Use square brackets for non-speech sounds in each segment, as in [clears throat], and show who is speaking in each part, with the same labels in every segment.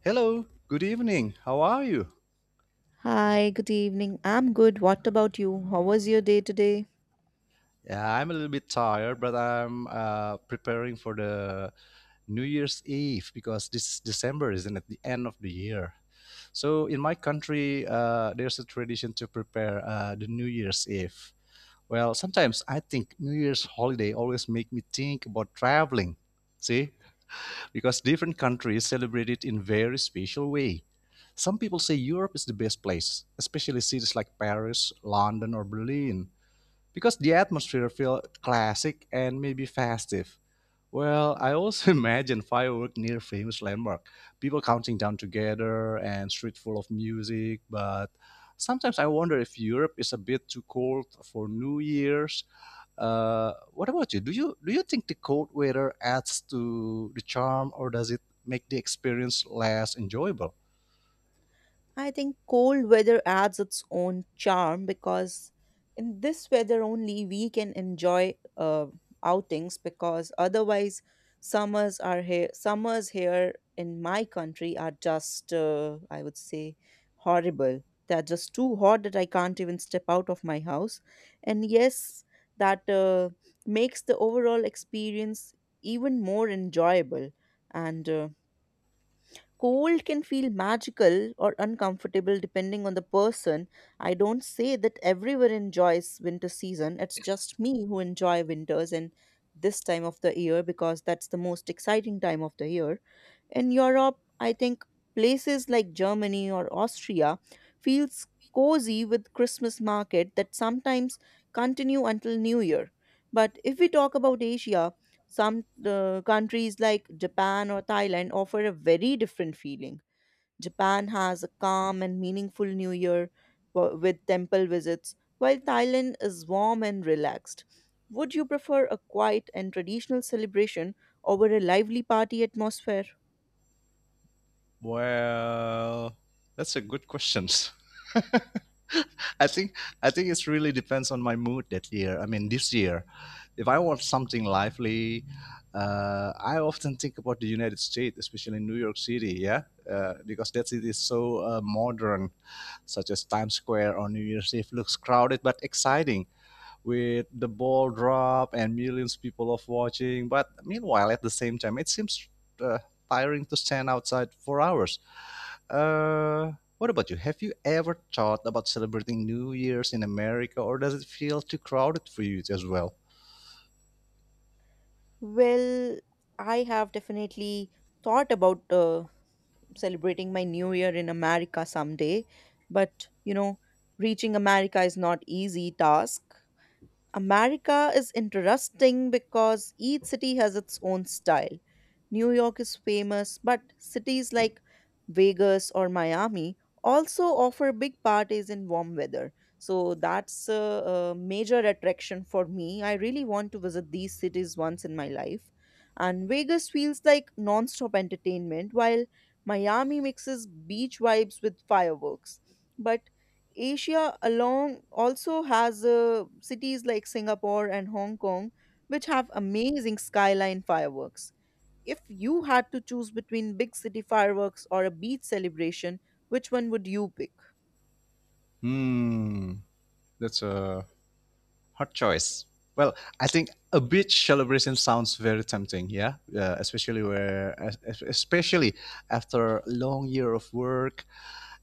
Speaker 1: Hello, good evening. How are you?
Speaker 2: Hi, good evening. I'm good. What about you? How was your day today?
Speaker 1: Yeah, I'm a little bit tired, but I'm preparing for the New Year's Eve because this December isn't at the end of the year. So in my country, there's a tradition to prepare the New Year's Eve. Well, sometimes I think New Year's holiday always make me think about traveling. See, because different countries celebrate it in very special way. Some people say Europe is the best place, especially cities like Paris, London, or Berlin, because the atmosphere feel classic and maybe festive. Well, I also [laughs] imagine fireworks near famous landmark, people counting down together and street full of music. But sometimes I wonder if Europe is a bit too cold for New Year's. What about you? Do you think the cold weather adds to the charm, or does it make the experience less enjoyable?
Speaker 2: I think cold weather adds its own charm because in this weather only we can enjoy outings because otherwise summers here in my country are just I would say horrible. They're just too hot that I can't even step out of my house. And yes, that makes the overall experience even more enjoyable. And cold can feel magical or uncomfortable depending on the person. I don't say that everyone enjoys winter season. It's just me who enjoy winters and this time of the year because that's the most exciting time of the year. In Europe, I think places like Germany or Austria feels cozy with Christmas market that sometimes continue until New Year. But if we talk about Asia, some countries like Japan or Thailand offer a very different feeling. Japan has a calm and meaningful New Year with temple visits, while Thailand is warm and relaxed. Would you prefer a quiet and traditional celebration over a lively party atmosphere?
Speaker 1: Well, that's a good question. [laughs] I think I think it really depends on my mood that year. I mean, this year, if I want something lively, I often think about the United States, especially New York City. Yeah, because that city is so modern, such as Times Square on New Year's Eve looks crowded but exciting, with the ball drop and millions of people of watching. But meanwhile, at the same time, it seems uh, tiring to stand outside for hours. What about you? Have you ever thought about celebrating New Year's in America, or does it feel too crowded for you as well?
Speaker 2: Well, I have definitely thought about celebrating my New Year in America someday, but reaching America is not easy task. America is interesting because each city has its own style. New York is famous, but cities like Vegas or Miami also offer big parties in warm weather. So that's a major attraction for me. I really want to visit these cities once in my life. And Vegas feels like non-stop entertainment, while Miami mixes beach vibes with fireworks. But Asia alone also has cities like Singapore and Hong Kong, which have amazing skyline fireworks. If you had to choose between big city fireworks or a beach celebration, which one would you pick?
Speaker 1: Hmm, that's a hard choice. Well, I think a beach celebration sounds very tempting. Yeah, especially where, es- es- especially after a long year of work,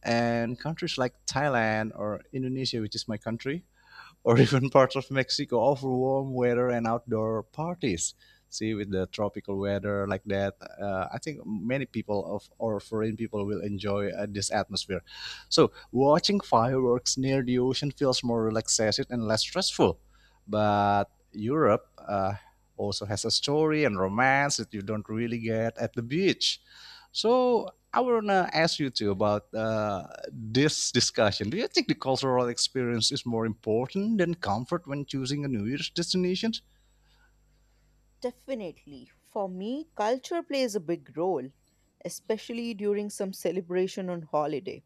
Speaker 1: and countries like Thailand or Indonesia, which is my country, or [laughs] even parts of Mexico offer warm weather and outdoor parties. See, with the tropical weather like that, I think many people of or foreign people will enjoy this atmosphere. So, watching fireworks near the ocean feels more relaxed and less stressful. But Europe also has a story and romance that you don't really get at the beach. So I wanna ask you too about this discussion. Do you think the cultural experience is more important than comfort when choosing a New Year's destination?
Speaker 2: Definitely. For me, culture plays a big role, especially during some celebration on holiday.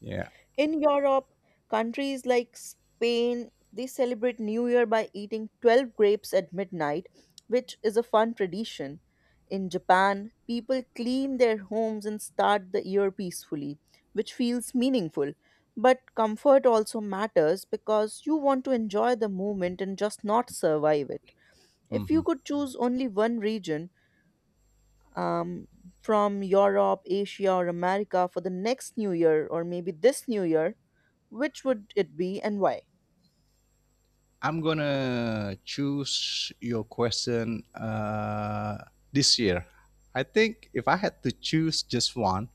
Speaker 1: Yeah.
Speaker 2: In Europe, countries like Spain, they celebrate New Year by eating 12 grapes at midnight, which is a fun tradition. In Japan, people clean their homes and start the year peacefully, which feels meaningful. But comfort also matters because you want to enjoy the moment and just not survive it. If
Speaker 1: Hmm.
Speaker 2: you could choose only one region, um, from Europe, Asia, or America for the next New Year, or maybe this New Year, which would it be and why?
Speaker 1: I'm gonna choose your question this year. I think if I had to choose just one,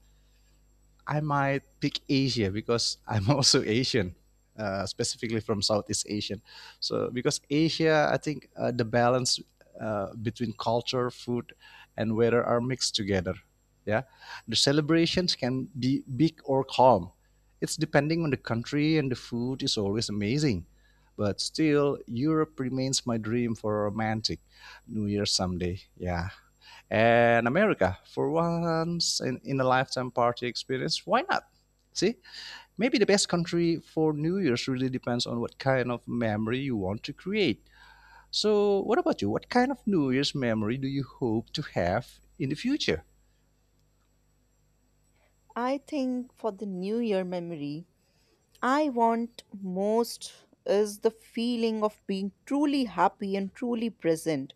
Speaker 1: I might pick Asia because [laughs] I'm also Asian, specifically from Southeast Asian. So because Asia, I think the balance between culture, food, and weather are mixed together. Yeah, the celebrations can be big or calm. It's depending on the country, and the food is always amazing. But still, Europe remains my dream for a romantic New Year someday. Yeah, and America for once in a lifetime party experience. Why not? See, maybe the best country for New Year's really depends on what kind of memory you want to create. So, what about you? What kind of New Year's memory do you hope to have in the future?
Speaker 2: I think for the New Year memory, I want most is the feeling of being truly happy and truly present,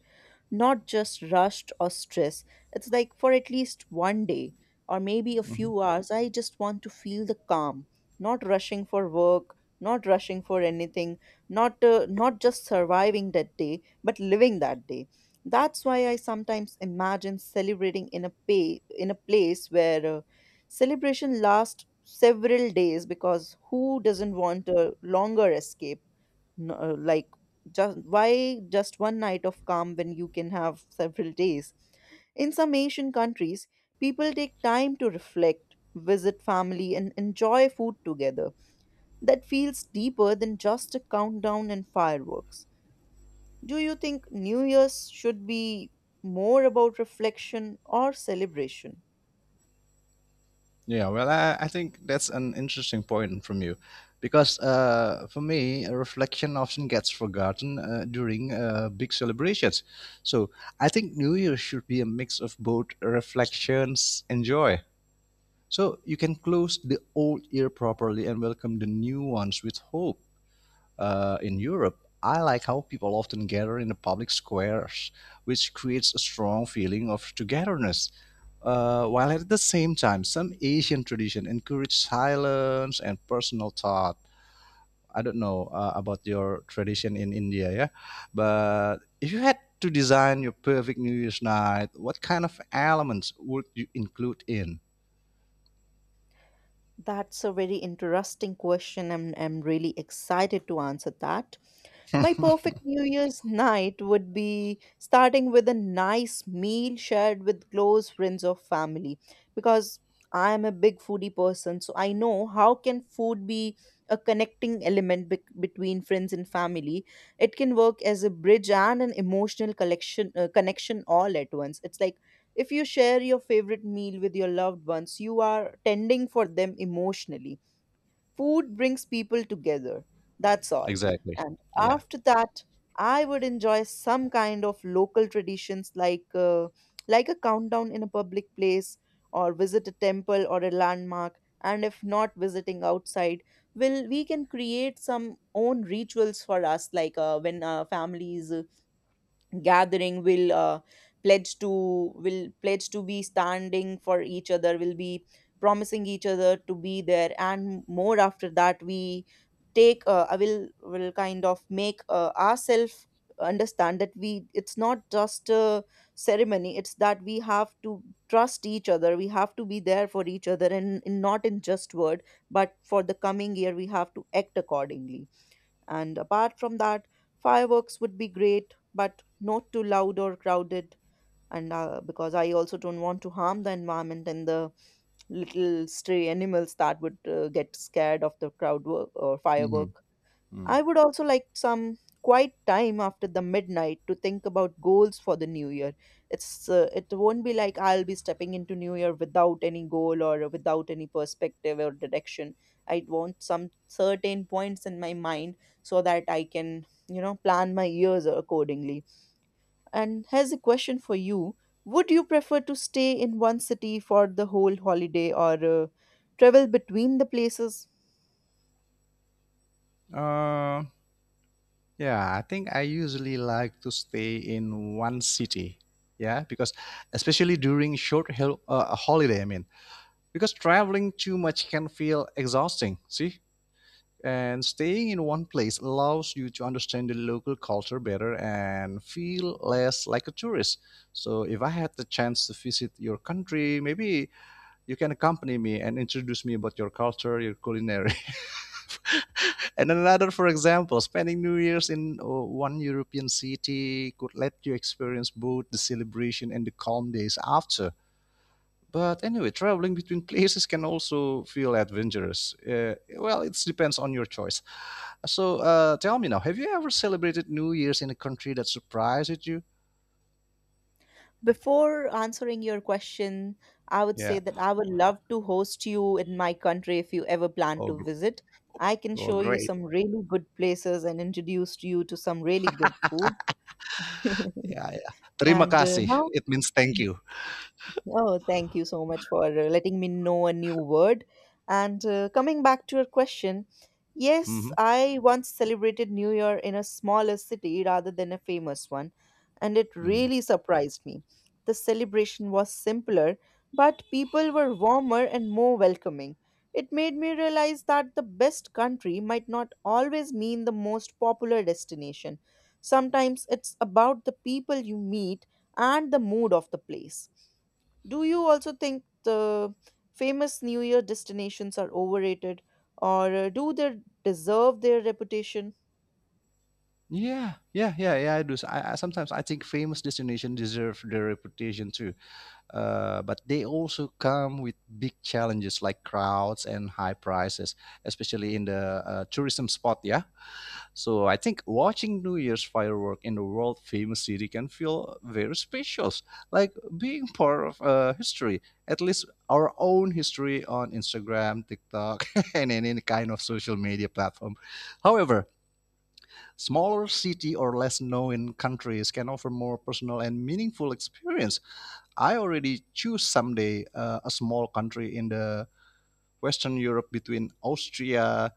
Speaker 2: not just rushed or stress. It's like for at least one day or maybe a
Speaker 1: Mhm.
Speaker 2: few hours, I just want to feel the calm, not rushing for work, not rushing for anything, not just surviving that day, but living that day. That's why I sometimes imagine celebrating in a place where celebration lasts several days because who doesn't want a longer escape? Like just why just one night of calm when you can have several days? In some Asian countries, people take time to reflect, visit family, and enjoy food together. That feels deeper than just a countdown and fireworks. Do you think New Year's should be more about reflection or celebration?
Speaker 1: Yeah, well, I think that's an interesting point from you, because for me, a reflection often gets forgotten during big celebrations. So I think New Year should be a mix of both reflections and joy. So you can close the old year properly and welcome the new ones with hope. In Europe, I like how people often gather in the public squares, which creates a strong feeling of togetherness while at the same time, some Asian tradition encourage silence and personal thought. I don't know about your tradition in India, yeah, but if you had to design your perfect New Year's night, what kind of elements would you include in?
Speaker 2: That's a very interesting question, and I'm really excited to answer that. My perfect New Year's night would be starting with a nice meal shared with close friends or family because I am a big foodie person, so I know how can food be a connecting element bec between friends and family. It can work as a bridge and an emotional collection connection all at once. It's like if you share your favorite meal with your loved ones, you are tending for them emotionally. Food brings people together. That's all.
Speaker 1: Exactly.
Speaker 2: And
Speaker 1: Yeah.
Speaker 2: after that, I would enjoy some kind of local traditions like a countdown in a public place or visit a temple or a landmark, and if not visiting outside, will we can create some own rituals for us like when families gathering pledge to will pledge to be standing for each other, will be promising each other to be there, and more. After that, we take I will kind of make ourselves understand that, we it's not just a ceremony, it's that we have to trust each other, we have to be there for each other, and not in just word, but for the coming year we have to act accordingly. And apart from that, fireworks would be great, but not too loud or crowded. And because I also don't want to harm the environment and the little stray animals that would get scared of the crowd work or firework.
Speaker 1: Hmm.
Speaker 2: I would also like some quiet time after the midnight to think about goals for the new year. It won't be like I'll be stepping into new year without any goal or without any perspective or direction. I want some certain points in my mind so that I can plan my years accordingly. And here's a question for you. Would you prefer to stay in one city for the whole holiday or travel between the places?
Speaker 1: Uh, yeah, I think I usually like to stay in one city. Yeah, because especially during short holiday, I mean, because traveling too much can feel exhausting, see, and staying in one place allows you to understand the local culture better and feel less like a tourist. So if I had the chance to visit your country, maybe you can accompany me and introduce me about your culture, your culinary, [laughs] and another, for example, spending new year's in one european city could let you experience both the celebration and the calm days after. But anyway, traveling between places can also feel adventurous. Well, it depends on your choice. So tell me now, have you ever celebrated New Year's in a country that surprised you?
Speaker 2: Before answering your question, I would
Speaker 1: Yeah.
Speaker 2: say that I would love to host you in my country if you ever plan
Speaker 1: Oh,
Speaker 2: to
Speaker 1: gr-
Speaker 2: visit. I can
Speaker 1: oh,
Speaker 2: show you
Speaker 1: great.
Speaker 2: some really good places and introduce you to some really good food. [laughs]
Speaker 1: Yeah, yeah. Terima
Speaker 2: And
Speaker 1: kasih.
Speaker 2: now,
Speaker 1: It means thank you.
Speaker 2: oh, thank you so much for letting me know a new word. And coming back to your question, yes,
Speaker 1: Hmm.
Speaker 2: I once celebrated New Year in a smaller city rather than a famous one, and it really surprised me. The celebration was simpler, but people were warmer and more welcoming. It made me realize that the best country might not always mean the most popular destination. Sometimes it's about the people you meet and the mood of the place. Do you also think the famous New Year destinations are overrated or do they deserve their reputation?
Speaker 1: Yeah, yeah, yeah, yeah, I do. So, I sometimes I think famous destinations deserve their reputation too, but they also come with big challenges like crowds and high prices, especially in the tourism spot. Yeah. So I think watching New Year's firework in the world famous city can feel very special, like being part of history, at least our own history on Instagram, TikTok, [laughs] and any kind of social media platform. However, smaller city or less known countries can offer more personal and meaningful experience. I already choose someday a small country in the Western Europe between Austria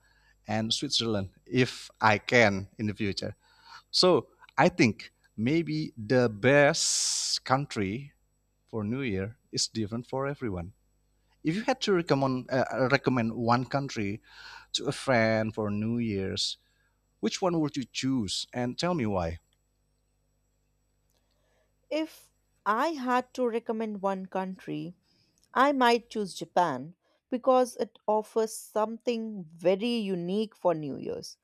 Speaker 1: and Switzerland if I can in the future. So I think maybe the best country for New Year is different for everyone. If you had to recommend one country to a friend for New Year's, which one would you choose, and tell me why?
Speaker 2: If I had to recommend one country, I might choose Japan because it offers something very unique for New Year's.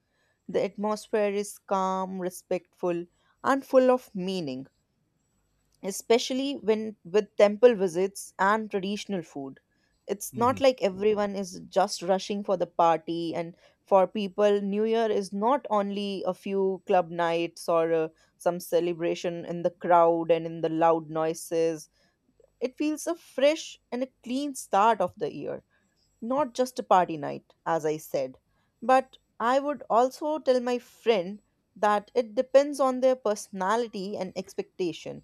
Speaker 2: The atmosphere is calm, respectful, and full of meaning, especially when with temple visits and traditional food. It's not
Speaker 1: Mhm.
Speaker 2: like everyone is just rushing for the party, and for people, New Year is not only a few club nights or some celebration in the crowd and in the loud noises. It feels a fresh and a clean start of the year, not just a party night, as I said. But I would also tell my friend that it depends on their personality and expectation,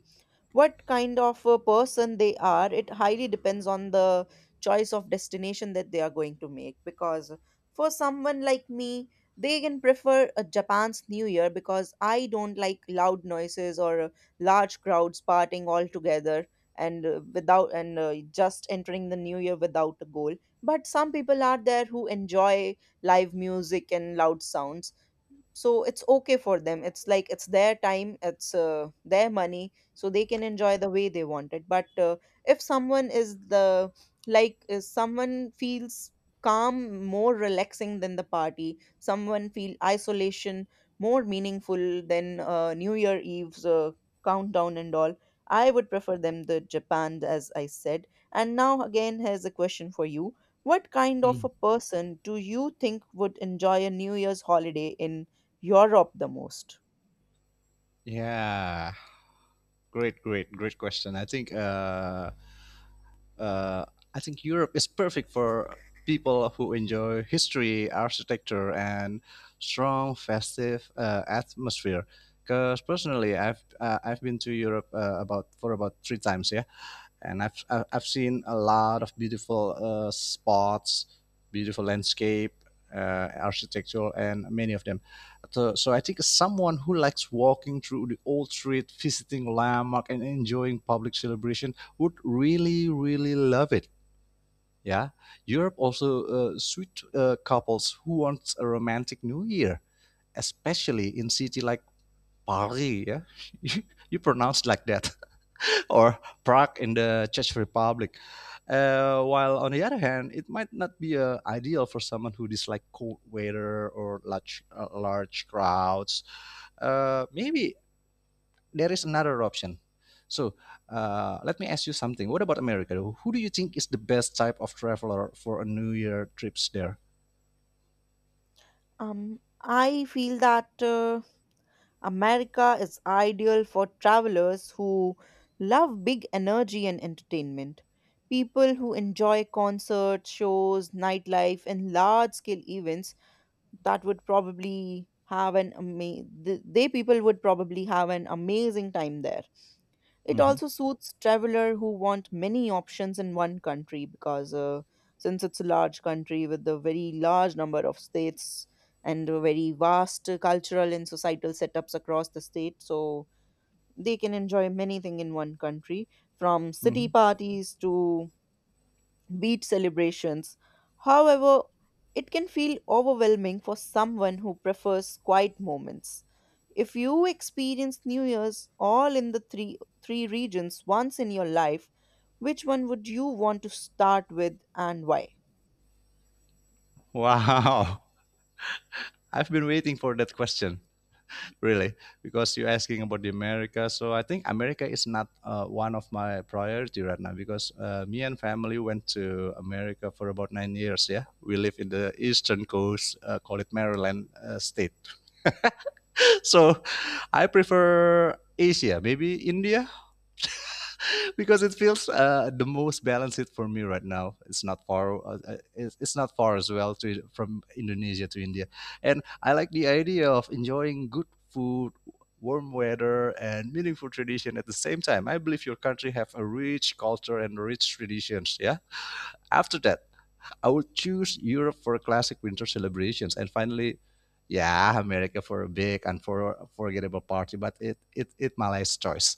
Speaker 2: what kind of a person they are. It highly depends on the choice of destination that they are going to make, because for someone like me, they can prefer a Japan's New Year because I don't like loud noises or large crowds partying all together and without and just entering the new year without a goal. But some people are there who enjoy live music and loud sounds, so it's okay for them. It's like it's their time, it's their money, so they can enjoy the way they want it. But if someone is the like is someone feels calm, more relaxing than the party, someone feel isolation more meaningful than new year eve's countdown and all, I would prefer them the Japan, as I said. And now, again, here's a question for you. What kind of
Speaker 1: Mm.
Speaker 2: a person do you think would enjoy a new year's holiday in Europe the most?
Speaker 1: Yeah, great, great, great question. Uh, I think Europe is perfect for people who enjoy history, architecture, and strong festive atmosphere. Because personally, I've been to Europe about for about three times. Yeah, and I've seen a lot of beautiful spots, beautiful landscape, architecture, and many of them. So I think someone who likes walking through the old street, visiting landmark, and enjoying public celebration would really really love it. Yeah, Europe also suit couples who want a romantic New Year, especially in city like Paris. Yeah, [laughs] you, you pronounce like that, or Prague in the Czech Republic. While on the other hand, it might not be ideal for someone who dislikes cold weather or large crowds. Maybe there is another option. So let me ask you something. What about America? Who do you think is the best type of traveler for a New Year trips there?
Speaker 2: Um i feel that America is ideal for travelers who love big energy and entertainment. People who enjoy concerts, shows, nightlife, and large scale events that would probably have an amazing, they people would probably have an amazing time there. It
Speaker 1: Hmm.
Speaker 2: also suits traveler who want many options in one country because since it's a large country with a very large number of states and a very vast cultural and societal setups across the state, so they can enjoy many things in one country from
Speaker 1: Hmm.
Speaker 2: city parties to beach celebrations. However, it can feel overwhelming for someone who prefers quiet moments. If you experience New Year's all in the three regions once in your life, which one would you want to start with and why?
Speaker 1: Wow, [laughs] I've been waiting for that question. Really, because you're asking about the america. So I think america is not one of my priority right now because me and family went to america for about 9 years. Yeah, we live in the eastern coast, call it maryland state. [laughs] So I prefer asia, maybe india, [laughs] because it feels the most balanced it for me right now. It's not far. It's not far as well to from Indonesia to India, and I like the idea of enjoying good food, warm weather, and meaningful tradition at the same time. I believe your country have a rich culture and rich traditions. Yeah. After that, I would choose Europe for classic winter celebrations, and finally. Yeah, America for a big and for forgettable party, but it my last choice.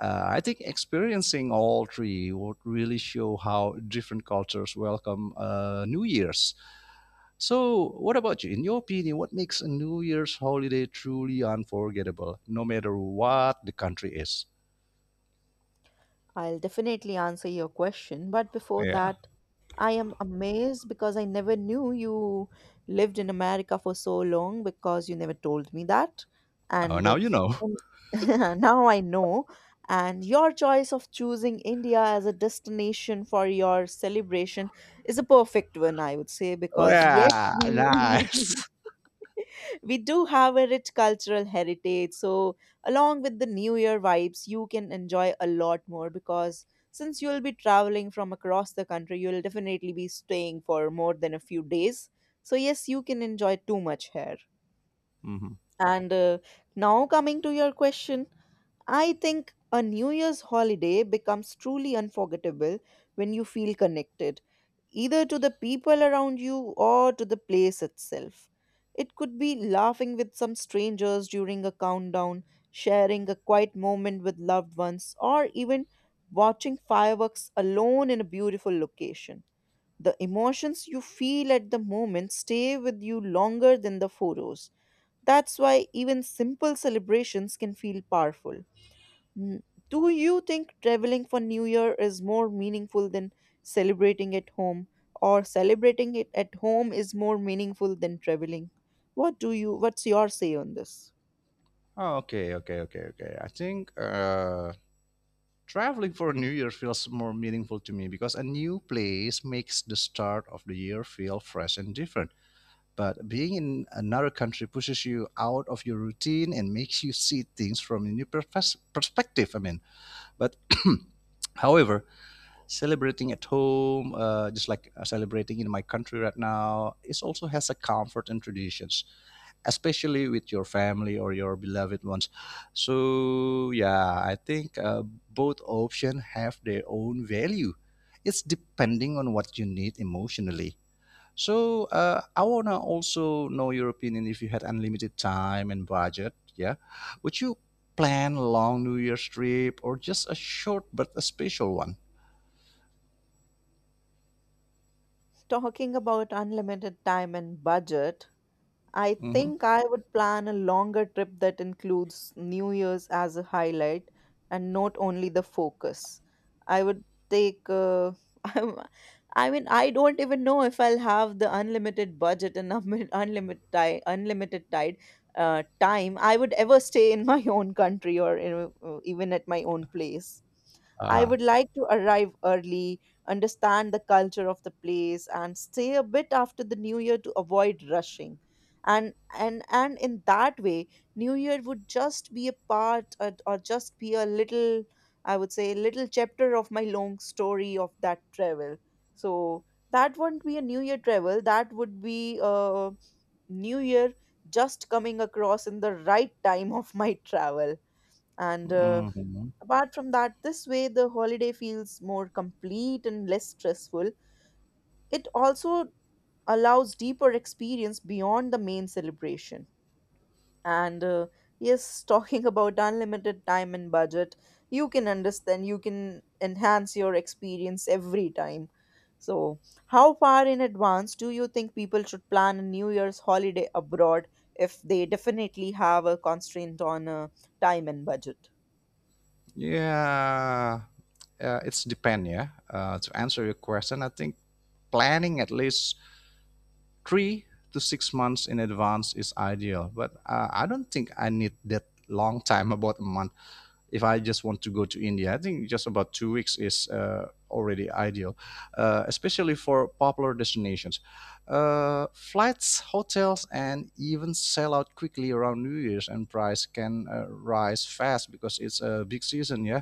Speaker 1: I think experiencing all three would really show how different cultures welcome New Year's. So, what about you? In your opinion, what makes a New Year's holiday truly unforgettable, no matter what the country is?
Speaker 2: I'll definitely answer your question, but before
Speaker 1: Yeah.
Speaker 2: that, I am amazed because I never knew you lived in America for so long because you never told me that.
Speaker 1: Oh,
Speaker 2: And
Speaker 1: now you know. [laughs]
Speaker 2: um, [laughs] Now I know. And your choice of choosing India as a destination for your celebration is a perfect one, I would say, because yes,
Speaker 1: Yeah.
Speaker 2: we
Speaker 1: Nice.
Speaker 2: [laughs] we do have a rich cultural heritage, so along with the new year vibes you can enjoy a lot more because since you'll be traveling from across the country, you'll definitely be staying for more than a few days. So yes, you can enjoy too much here.
Speaker 1: Hmm.
Speaker 2: And Now coming to your question, I think a New Year's holiday becomes truly unforgettable when you feel connected, either to the people around you or to the place itself. It could be laughing with some strangers during a countdown, sharing a quiet moment with loved ones, or even watching fireworks alone in a beautiful location. The emotions you feel at the moment stay with you longer than the photos. That's why even simple celebrations can feel powerful. Mm. Do you think traveling for New Year is more meaningful than celebrating at home, or celebrating it at home is more meaningful than traveling? What's your say on this?
Speaker 1: Oh, okay. Okay. Okay. Okay. I think. Traveling for New Year feels more meaningful to me because a new place makes the start of the year feel fresh and different. But being in another country pushes you out of your routine and makes you see things from a new perspective. I mean, but [clears throat] however, celebrating at home, just like celebrating in my country right now, it also has a comfort and traditions, especially with your family or your beloved ones. So yeah, I think both options have their own value. It's depending on what you need emotionally. So I wanna also know your opinion, if you had unlimited time and budget, yeah, would you plan a long New Year's trip or just a short but a special one?
Speaker 2: Talking about unlimited time and budget, I
Speaker 1: Hmm.
Speaker 2: think I would plan a longer trip that includes New Year's as a highlight and not only the focus. I would take, [laughs] I'm, I mean, I don't even know if I'll have the unlimited budget and [laughs] unlimited time, time I would ever stay in my [laughs] own country or even at my own place. I
Speaker 1: Uh-huh.
Speaker 2: would like to arrive early, understand the culture of the place, and stay a bit after the new year to avoid rushing, and and in that way, new year would just be a part, or just be a little, I would say, little chapter of my long story of that travel. So that wouldn't be a new year travel, that would be a new year just coming across in the right time of my travel. And
Speaker 1: Hmm.
Speaker 2: Apart from that, this way the holiday feels more complete and less stressful. It also allows deeper experience beyond the main celebration. And Yes, [laughs] talking about unlimited time and budget, you can understand, you can enhance your experience every time. So how far in advance do you think people should plan a new year's holiday abroad if they definitely have a constraint on time and budget?
Speaker 1: Yeah, it's depend. Yeah, to answer your question, I think planning at least 3 to 6 months in advance is ideal. But I don't think I need that long time, [laughs] about a month. If I just want to go to India, I think just about 2 weeks is already ideal, especially for popular destinations. Flights, hotels, and even sell out quickly around New Year's, and price can rise fast because it's a big season, yeah,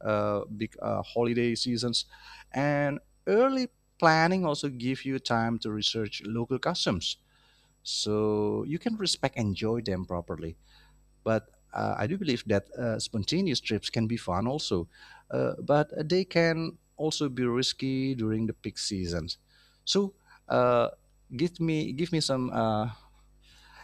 Speaker 1: big holiday seasons, and early planning also give you time to research local customs so you can respect and enjoy them properly. But I do believe that spontaneous trips can be fun also, but they can also be risky during the peak seasons. So, uh, give me some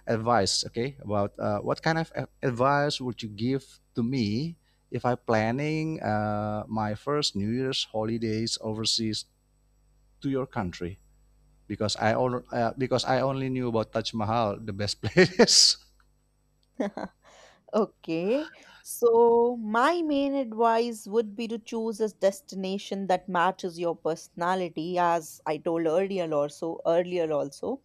Speaker 1: advice, okay? About what kind of advice would you give to me if I'm planning my first New Year's holidays overseas to your country? Because I only knew about Taj Mahal, the best [laughs] place.
Speaker 2: Okay, so my main advice would be to choose a destination that matches your personality, as I told earlier, also.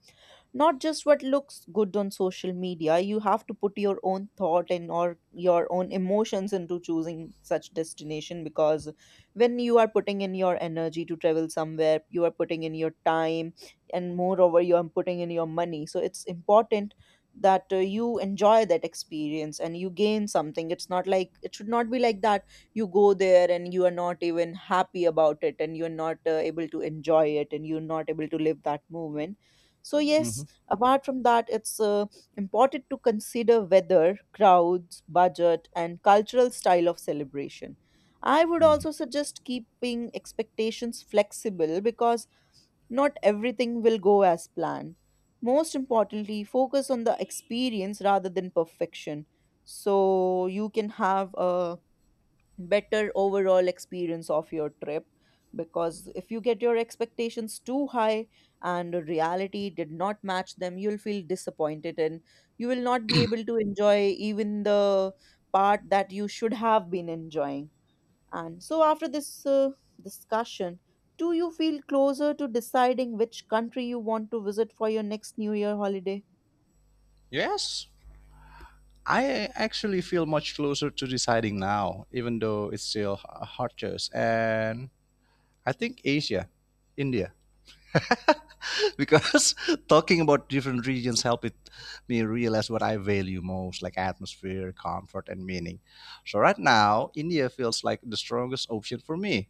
Speaker 2: Not just what looks good on social media. You have to put your own thought and or your own emotions into choosing such destination, because when you are putting in your energy to travel somewhere, you are putting in your time, and moreover you are putting in your money, so it's important that you enjoy that experience and you gain something. It's not like, it should not be like that, you go there and you are not even happy about it and you're not able to enjoy it and you're not able to live that moment. So yes,
Speaker 1: Mhm.
Speaker 2: apart from that, it's important to consider weather, crowds, budget, and cultural style of celebration. I would
Speaker 1: Mhm.
Speaker 2: also suggest keeping expectations flexible because not everything will go as planned. Most importantly, focus on the experience rather than perfection, so you can have a better overall experience of your trip, because if you get your expectations too high and the reality did not match them, you'll feel disappointed and you will not be able to enjoy even the part that you should have been enjoying. And so after this discussion, do you feel closer to deciding which country you want to visit for your next new year holiday?
Speaker 1: Yes, I actually feel much closer to deciding now, even though it's still a hard choice. And I think Asia, India, [laughs] because [laughs] talking about different regions helped it, me realize what I value most, like atmosphere, comfort, and meaning. So right now, India feels like the strongest option for me.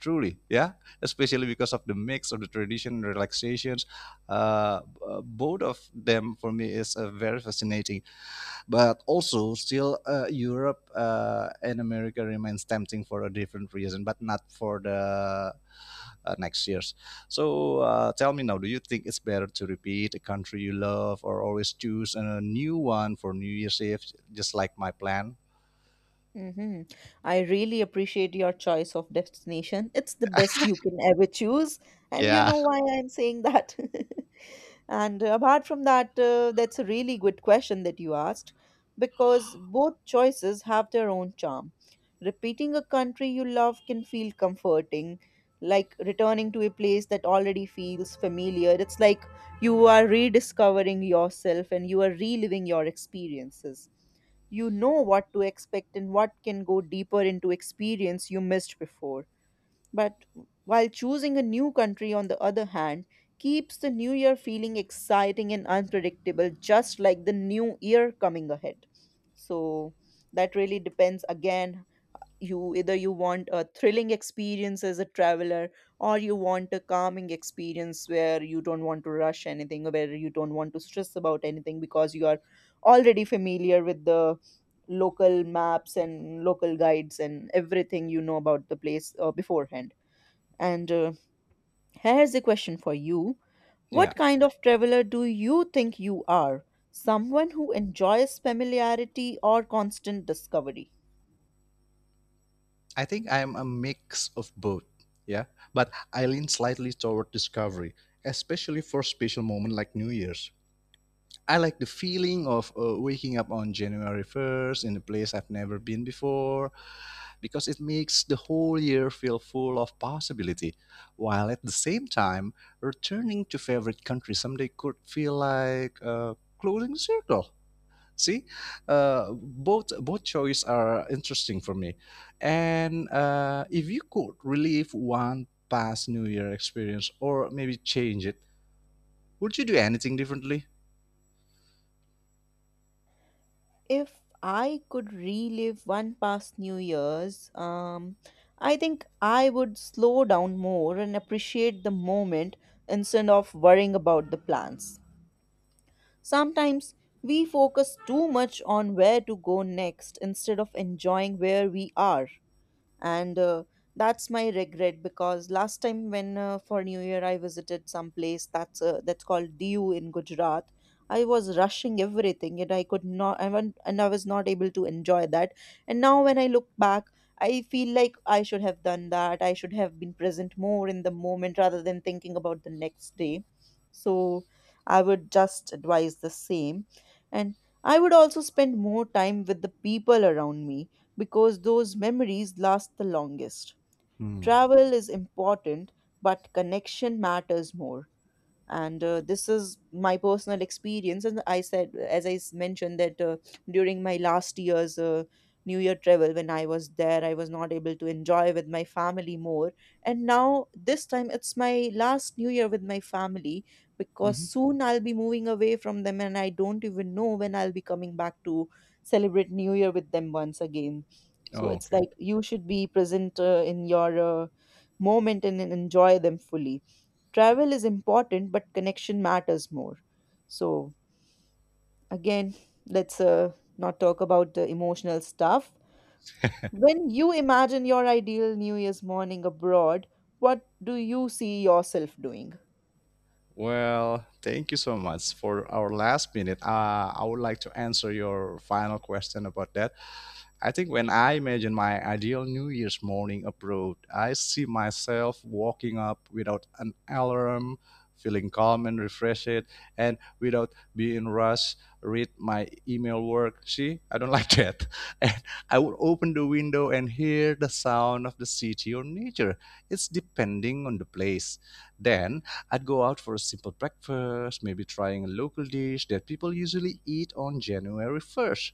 Speaker 1: Truly, yeah, especially because of the mix of the tradition and relaxations. Both of them for me is a very fascinating but also still Europe and America remains tempting for a different reason, but not for the next years. So tell me now, do you think it's better to repeat a country you love or always choose a new one for New Year's Eve, just like my plan?
Speaker 2: Mm-hmm. I really appreciate your choice of destination. It's the best you can ever choose. And you
Speaker 1: Yeah.
Speaker 2: know why I'm saying that? [laughs] And apart from that, that's a really good question that you asked, because both choices have their own charm. Repeating a country you love can feel comforting, like returning to a place that already feels familiar. It's like you are rediscovering yourself and you are reliving your experiences. You know what to expect and what can go deeper into experience you missed before. But while choosing a new country, on the other hand, keeps the new year feeling exciting and unpredictable, just like the new year coming ahead. So that really depends again. You either you want a thrilling experience as a traveler, or you want a calming experience where you don't want to rush anything, where you don't want to stress about anything, because you are already familiar with the local maps and local guides and everything you know about the place beforehand. And Here's a question for you.
Speaker 1: Yeah.
Speaker 2: What kind of traveler do you think you are? Someone who enjoys familiarity or constant discovery?
Speaker 1: I think I'm a mix of both. Yeah. But I lean slightly toward discovery, especially for special moment like New Year's. I like the feeling of waking up on January 1st in a place I've never been before because it makes the whole year feel full of possibility, while at the same time, returning to favorite country someday could feel like closing circle. See, both choices are interesting for me, and if you could relive one past New Year experience or maybe change it, would you do anything differently?
Speaker 2: If I could relive one past New Year's, I think I would slow down more and appreciate the moment instead of worrying about the plans. Sometimes we focus too much on where to go next instead of enjoying where we are, and that's my regret, because last time when for new year I visited some place that's called Diu in Gujarat. I was rushing everything and I could not I went, and I was not able to enjoy that. And now when I look back, I feel like I should have been present more in the moment rather than thinking about the next day. So I would just advise the same. And I would also spend more time with the people around me, because those memories last the longest.
Speaker 1: Hmm.
Speaker 2: Travel is important, but connection matters more. And This is my personal experience, and I said, as mentioned, that during my last year's new year travel, when I was there, I was not able to enjoy with my family more. And now this time it's my last new year with my family, because
Speaker 1: Mhm.
Speaker 2: soon I'll be moving away from them and I don't even know when I'll be coming back to celebrate new year with them once again. So
Speaker 1: Oh,
Speaker 2: it's
Speaker 1: okay.
Speaker 2: like you should be present in your moment, and enjoy them fully. Travel is important, but connection matters more. So, again, let's not talk about the emotional stuff. When you imagine your ideal New Year's morning abroad, what do you see yourself doing?
Speaker 1: Well, thank you so much for our last minute. I would like to answer your final question about that. I think when I imagine my ideal New Year's morning abroad, I see myself walking up without an alarm, feeling calm and refreshed, and without being rushed, read my email work. See, I don't [laughs] like that. And I would open the window and hear the sound of the city or nature. It's depending on the place. Then I'd go out for a simple breakfast, maybe trying a local dish that people usually eat on January 1st,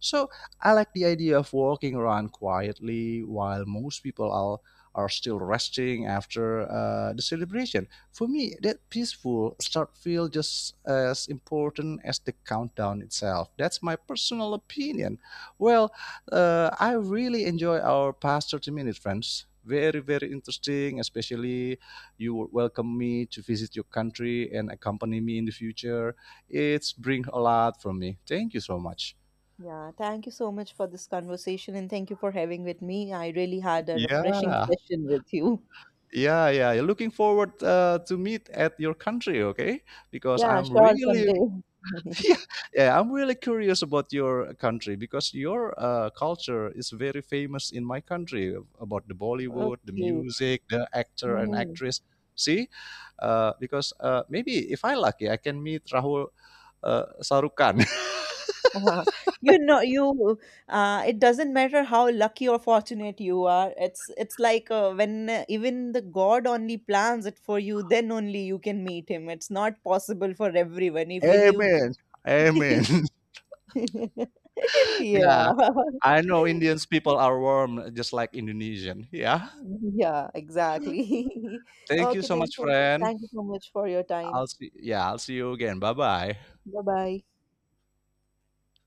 Speaker 1: so I like the idea of walking around quietly while most people are still resting after the celebration. For me, that peaceful start feels just as important as the countdown itself. That's my personal opinion. Well, I really enjoy our past 30 minutes, friends. Very, very interesting, especially you would welcome me to visit your country and accompany me in the future. It's bring a lot from me. Thank you so much.
Speaker 2: Yeah, thank you so much for this conversation and thank you for having with me. I really had a refreshing
Speaker 1: Yeah,
Speaker 2: session with you.
Speaker 1: yeah, yeah. Looking forward to meet at your country, okay? Because
Speaker 2: Yeah,
Speaker 1: I'm
Speaker 2: sure,
Speaker 1: really,
Speaker 2: someday.
Speaker 1: [laughs]
Speaker 2: [laughs]
Speaker 1: yeah, yeah, I'm really curious about your country because your culture is very famous in my country about the Bollywood, the
Speaker 2: Okay.
Speaker 1: music, the actor and
Speaker 2: Mhm.
Speaker 1: actress. See, because maybe if I lucky, I can meet Rahul Sarukan.
Speaker 2: Uh-huh. You know, you It doesn't matter how lucky or fortunate you are. It's like when even the God only plans it for you, then only you can meet him. It's not possible for everyone.
Speaker 1: [laughs]
Speaker 2: Even you,
Speaker 1: Amen.
Speaker 2: [laughs]
Speaker 1: Amen. [laughs] yeah,
Speaker 2: yeah, [laughs]
Speaker 1: I know Indians people are warm, just like Indonesian. Yeah.
Speaker 2: yeah, exactly. [laughs]
Speaker 1: Thank you
Speaker 2: Okay,
Speaker 1: so
Speaker 2: then.
Speaker 1: much,
Speaker 2: So
Speaker 1: friend.
Speaker 2: thank you so much for your time.
Speaker 1: I'll see. Yeah, I'll see you again. Bye bye.
Speaker 2: Bye bye.